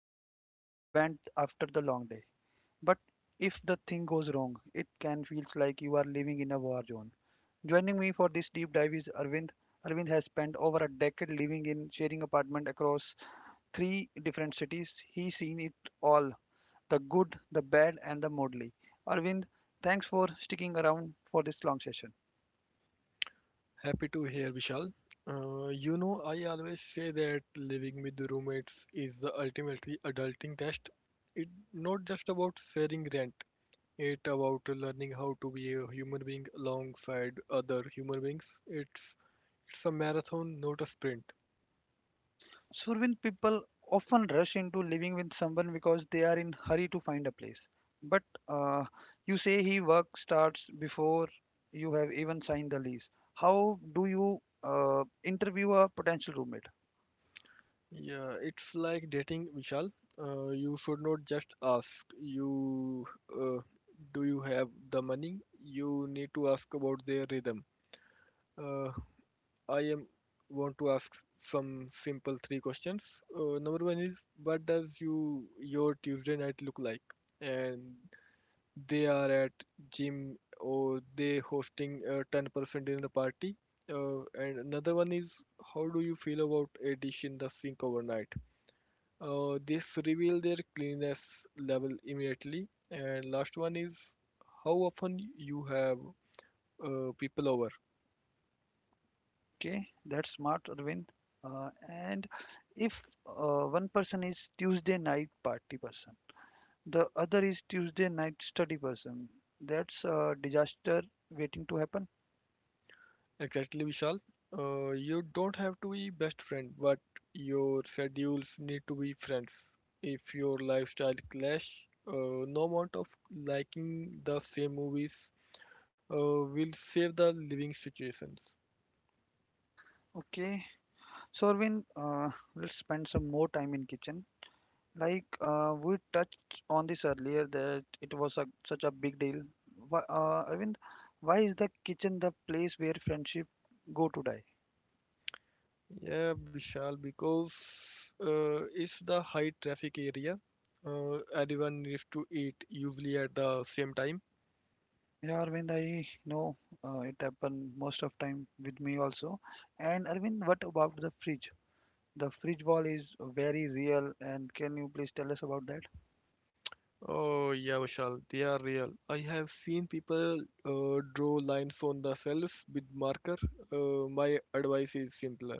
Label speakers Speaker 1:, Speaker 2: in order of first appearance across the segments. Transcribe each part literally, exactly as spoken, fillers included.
Speaker 1: person to vent after the long day. But if the thing goes wrong, it can feel like you are living in a war zone. Joining me for this deep dive is Arvind. Arvind has spent over a decade living in sharing apartment across three different cities. He's seen it all, the good, the bad and the modly. Arvind, thanks for sticking around for this long session.
Speaker 2: Happy to hear, Vishal. Uh, you know, I always say that living with roommates is the ultimately adulting test. It's not just about sharing rent, it's about learning how to be a human being alongside other human beings. It's it's a marathon, not a sprint.
Speaker 1: Survin people often rush into living with someone because they are in hurry to find a place. But uh, you say he work starts before you have even signed the lease. How do you uh, interview a potential roommate?
Speaker 2: Yeah, it's like dating, Vishal. Uh, you should not just ask, you uh, do you have the money? You need to ask about their rhythm. Uh, I am want to ask some simple three questions. Uh, number one is what does you your Tuesday night look like? And they are at gym or they hosting a ten percent dinner party. Uh, and another one is how do you feel about a dish in the sink overnight? Uh, this reveal their cleanliness level immediately. And last one is how often you have uh, people over.
Speaker 1: Okay, that's smart, Arvind. Uh, and if uh, one person is Tuesday night party person, the other is Tuesday night study person, that's a disaster waiting to happen.
Speaker 2: Exactly, Vishal. Uh, you don't have to be best friend, but your schedules need to be friends. If your lifestyle clash, uh, no amount of liking the same movies uh, will save the living situations.
Speaker 1: Okay, so Arvind, uh, let's spend some more time in kitchen. Like uh, we touched on this earlier that it was a, such a big deal. Why, uh, Arvind, why is the kitchen the place where friendship go to die?
Speaker 2: Yeah, Vishal, because uh, it's the high traffic area. Uh, everyone needs to eat usually at the same time.
Speaker 1: Yeah, Arvind, I know uh, it happened most of time with me also. And Arvind, what about the fridge? The fridge wall is very real, and can you please tell us about that?
Speaker 2: Oh, yeah, Vishal, they are real. I have seen people uh, draw lines on the shelves with marker. Uh, my advice is simpler.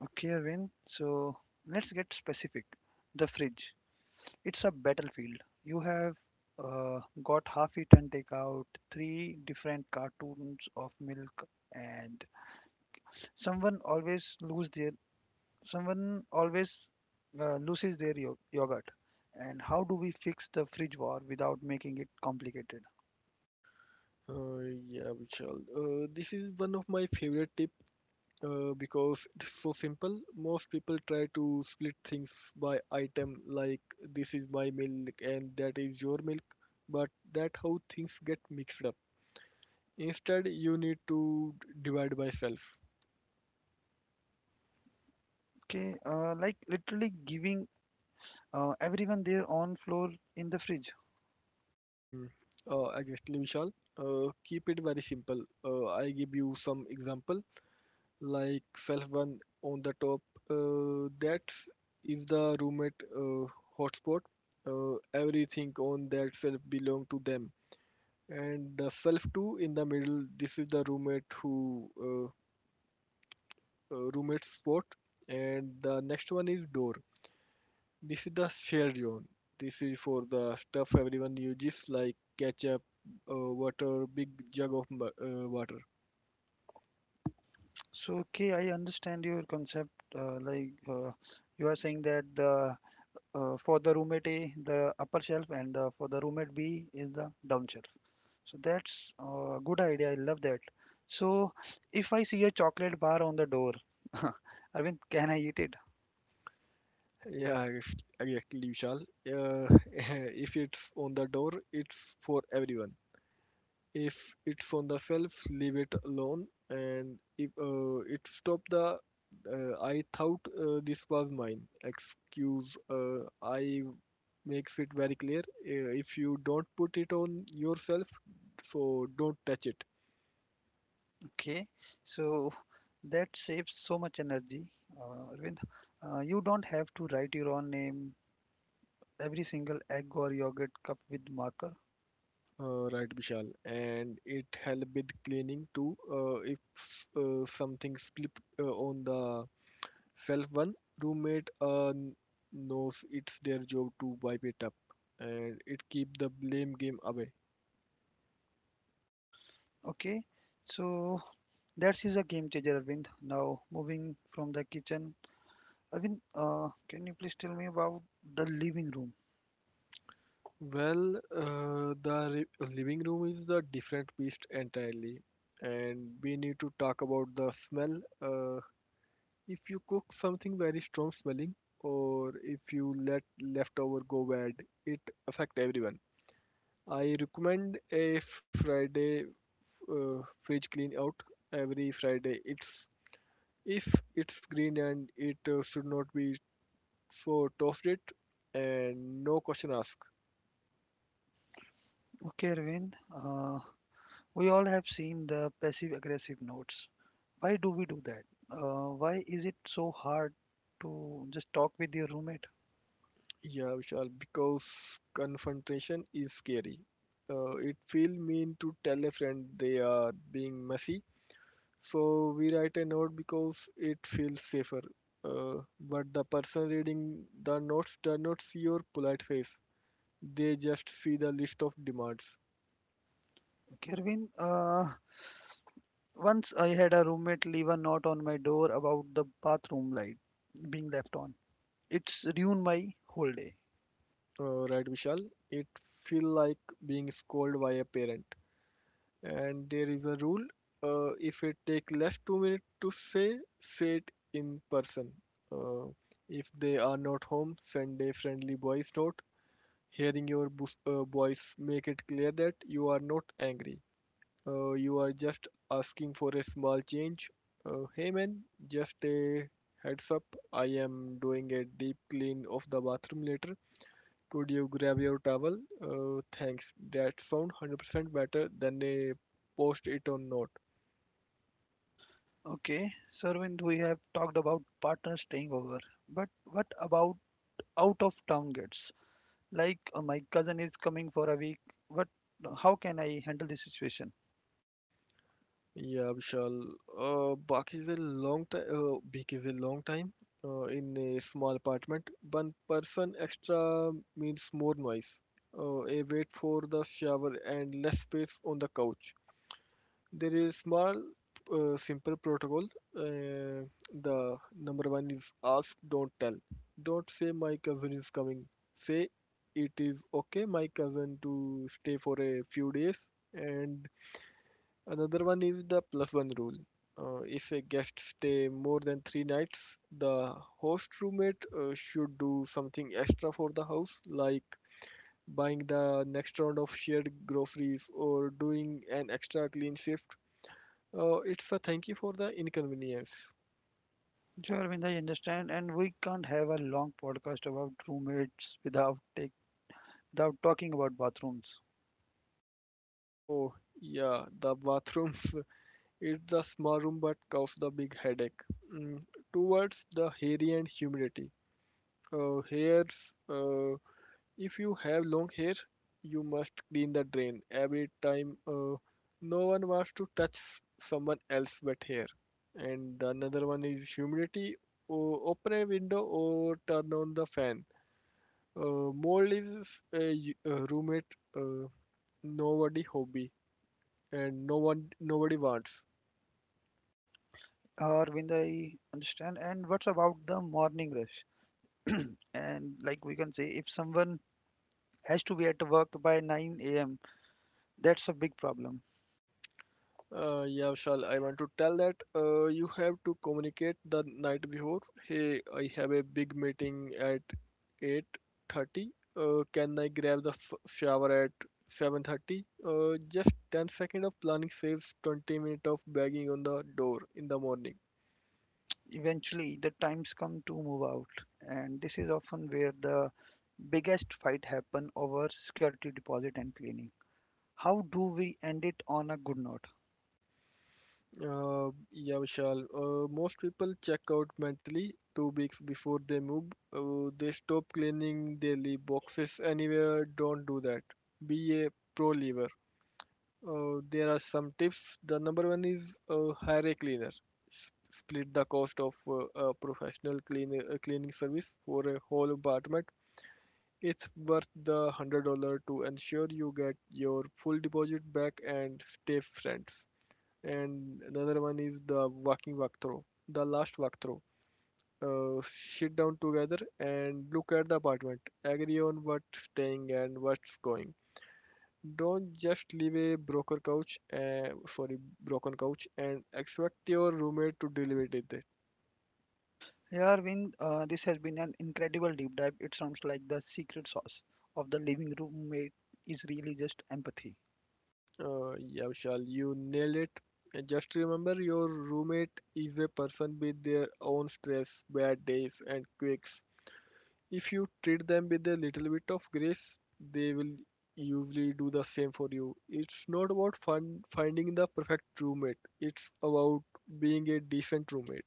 Speaker 1: Okay, Arvind. So let's get specific. The fridge. It's a battlefield. You have uh, got half eaten take out three different cartoons of milk, and someone always lose their someone always uh, loses their yo- yogurt. And how do we fix the fridge war without making it complicated?
Speaker 2: Uh, yeah, Vishal, uh, this is one of my favorite tips uh, because it's so simple. Most people try to split things by item, like this is my milk and that is your milk, but that how things get mixed up. Instead, you need to divide by self.
Speaker 1: Okay, uh, like literally giving uh, everyone their own floor in the fridge.
Speaker 2: Mm, uh, exactly, Vishal. Uh, keep it very simple. Uh, I give you some example like self one on the top. Uh, that is the roommate uh, hotspot. Uh, everything on that self belong to them. And the self two in the middle. This is the roommate who uh, uh, roommate spot. And the next one is door. This is the shared zone. This is for the stuff everyone uses, like ketchup, uh, water, big jug of mu- uh, water.
Speaker 1: So, okay, I understand your concept. Uh, like uh, you are saying that the uh, for the roommate A, the upper shelf, and uh, for the roommate B is the down shelf. So that's a good idea. I love that. So if I see a chocolate bar on the door, Arvind, can I eat it?
Speaker 2: Yeah, ex- exactly, Vishal. Uh, if it's on the door, it's for everyone. If it's on the shelf, leave it alone. And if uh, it stop the, uh, I thought uh, this was mine. Excuse, uh, I makes it very clear. Uh, if you don't put it on yourself, so don't touch it.
Speaker 1: Okay. So that saves so much energy. Uh, Arvind, uh, you don't have to write your own name, every single egg or yogurt cup with marker.
Speaker 2: Uh, right, Vishal, and it help with cleaning too. Uh, if uh, something slip uh, on the shelf, one roommate uh, n- knows it's their job to wipe it up, and it keep the blame game away.
Speaker 1: Okay. So that is a game changer, Arvind. Now moving from the kitchen Arvind, uh, can you please tell me about the living room?
Speaker 2: Well, uh, the re- living room is a different beast entirely, and we need to talk about the smell. Uh, if you cook something very strong smelling, or if you let leftover go bad, it affect everyone. I recommend a Friday uh, fridge clean out every Friday. It's if it's green and it uh, should not be so toasted and no question asked.
Speaker 1: Okay, Arvind, uh, we all have seen the passive aggressive notes. Why do we do that? Uh, why is it so hard to just talk with your roommate?
Speaker 2: Yeah, Vishal, because confrontation is scary. Uh, it feels mean to tell a friend they are being messy, so we write a note because it feels safer. Uh, but the person reading the notes does not see your polite face. They just see the list of demands.
Speaker 1: Okay, Arvind, uh, once I had a roommate leave a note on my door about the bathroom light being left on. It's ruined my whole day.
Speaker 2: Uh, right, Vishal? It feel like being scolded by a parent. And there is a rule: uh, if it take less two minutes to say, say it in person. Uh, if they are not home, send a friendly voice note. Hearing your bo- uh, voice make it clear that you are not angry. Uh, you are just asking for a small change. Uh, hey man, just a heads up. I am doing a deep clean of the bathroom later. Could you grab your towel? Uh, thanks. That sounds one hundred percent better than a post it on note.
Speaker 1: Okay, so Arvind, we have talked about partners staying over, but what about out of town guests? Like uh, my cousin is coming for a week, but how can I handle this situation?
Speaker 2: Yeah, Vishal. Uh, Baki is a long time. Uh, Bik is a long time. Uh, in a small apartment, one person extra means more noise. Uh, a wait for the shower and less space on the couch. There is small, uh, simple protocol. Uh, the number one is ask, don't tell. Don't say my cousin is coming. Say it is okay, my cousin to stay for a few days. And another one is the plus one rule. Uh, if a guest stay more than three nights, the host roommate uh, should do something extra for the house, like buying the next round of shared groceries or doing an extra clean shift. Oh, it's a thank you for the inconvenience.
Speaker 1: Sure Arvind, I understand and we can't have a long podcast about roommates without take without talking about bathrooms.
Speaker 2: Oh, yeah, the bathrooms. It's the small room but cause the big headache. Mm, Towards the hairy and humidity. Uh, hairs. Uh, if you have long hair, you must clean the drain every time. Uh, no one wants to touch someone else's wet hair. And another one is humidity. Oh, open a window or turn on the fan. Uh, mold is a y- a roommate. Uh, Nobody hobby and no one nobody wants.
Speaker 1: Uh, Arvind, I understand and what's about the morning rush and like we can say if someone has to be at work by nine a m, that's a big problem.
Speaker 2: Uh, yeah, Vishal, I want to tell that uh, you have to communicate the night before. Hey, I have a big meeting at eight thirty. Uh, can I grab the f shower at seven thirty? Uh, just ten seconds of planning saves twenty minutes of banging on the door in the morning.
Speaker 1: Eventually the times come to move out and this is often where the biggest fight happen over security deposit and cleaning. How do we end it on a good note?
Speaker 2: Uh, yeah, Vishal. Uh, most people check out mentally two weeks before they move. Uh, they stop cleaning, they leave boxes anywhere. Don't do that. Be a pro lever. Uh, there are some tips. The number one is uh, hire a cleaner. S- Split the cost of uh, a professional cleaner, uh, cleaning service for a whole apartment. It's worth the one hundred dollars to ensure you get your full deposit back and stay friends. And another one is the walking walkthrough, the last walkthrough. Uh, Sit down together and look at the apartment. Agree on what's staying and what's going. Don't just leave a broken couch, uh, sorry, broken couch, and expect your roommate to deal with it.
Speaker 1: Yeah, Arvind, uh, this has been an incredible deep dive. It sounds like the secret sauce of the living room mate is really just empathy.
Speaker 2: Uh, yeah, Vishal, you nail it. And just remember your roommate is a person with their own stress, bad days, and quirks. If you treat them with a little bit of grace, they will usually do the same for you. It's not about fun finding the perfect roommate. It's about being a decent roommate.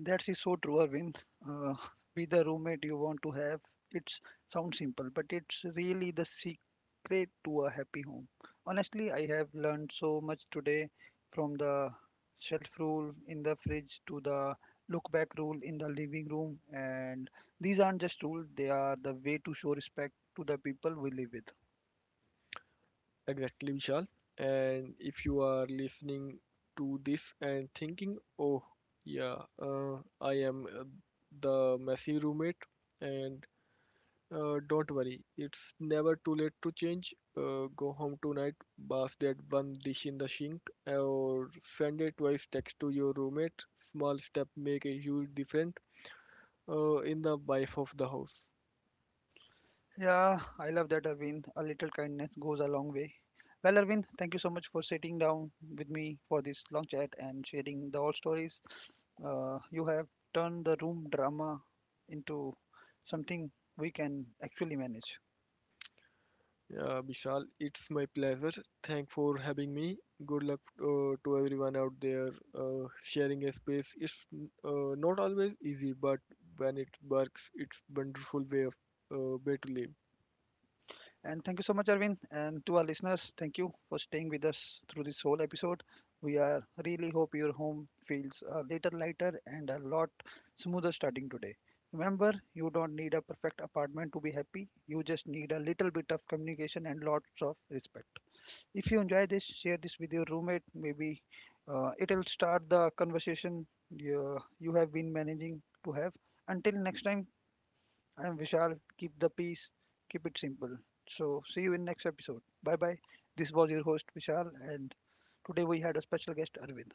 Speaker 1: That is so true, Arvind. Uh, be the roommate you want to have. It sounds simple, but it's really the secret to a happy home. Honestly, I have learned so much today from the shelf rule in the fridge to the look back rule in the living room. And these aren't just rules, they are the way to show respect to the people we live with.
Speaker 2: Exactly, Vishal. And if you are listening to this and thinking, oh, yeah, uh, I am uh, the messy roommate, and Uh, don't worry, it's never too late to change. Uh, go home tonight, bath that one dish in the sink, or send a twice text to your roommate. Small step make a huge difference uh, in the life of the house.
Speaker 1: Yeah, I love that, Arvind. A little kindness goes a long way. Well, Arvind, thank you so much for sitting down with me for this long chat and sharing the old stories. Uh, you have turned the room drama into something we can actually manage.
Speaker 2: Yeah, Vishal, it's my pleasure. Thank for having me. Good luck uh, to everyone out there uh, sharing a space. It's uh, not always easy, but when it works, it's wonderful way of uh, way to live.
Speaker 1: And thank you so much, Arvind, and to our listeners, thank you for staying with us through this whole episode. We are really hope your home feels a little lighter and a lot smoother starting today. Remember, you don't need a perfect apartment to be happy. You just need a little bit of communication and lots of respect. If you enjoy this, share this with your roommate. Maybe uh, it'll start the conversation you, you have been managing to have. Until next time, I'm Vishal. Keep the peace, keep it simple. So, see you in next episode. Bye bye. This was your host Vishal, and today we had a special guest Arvind.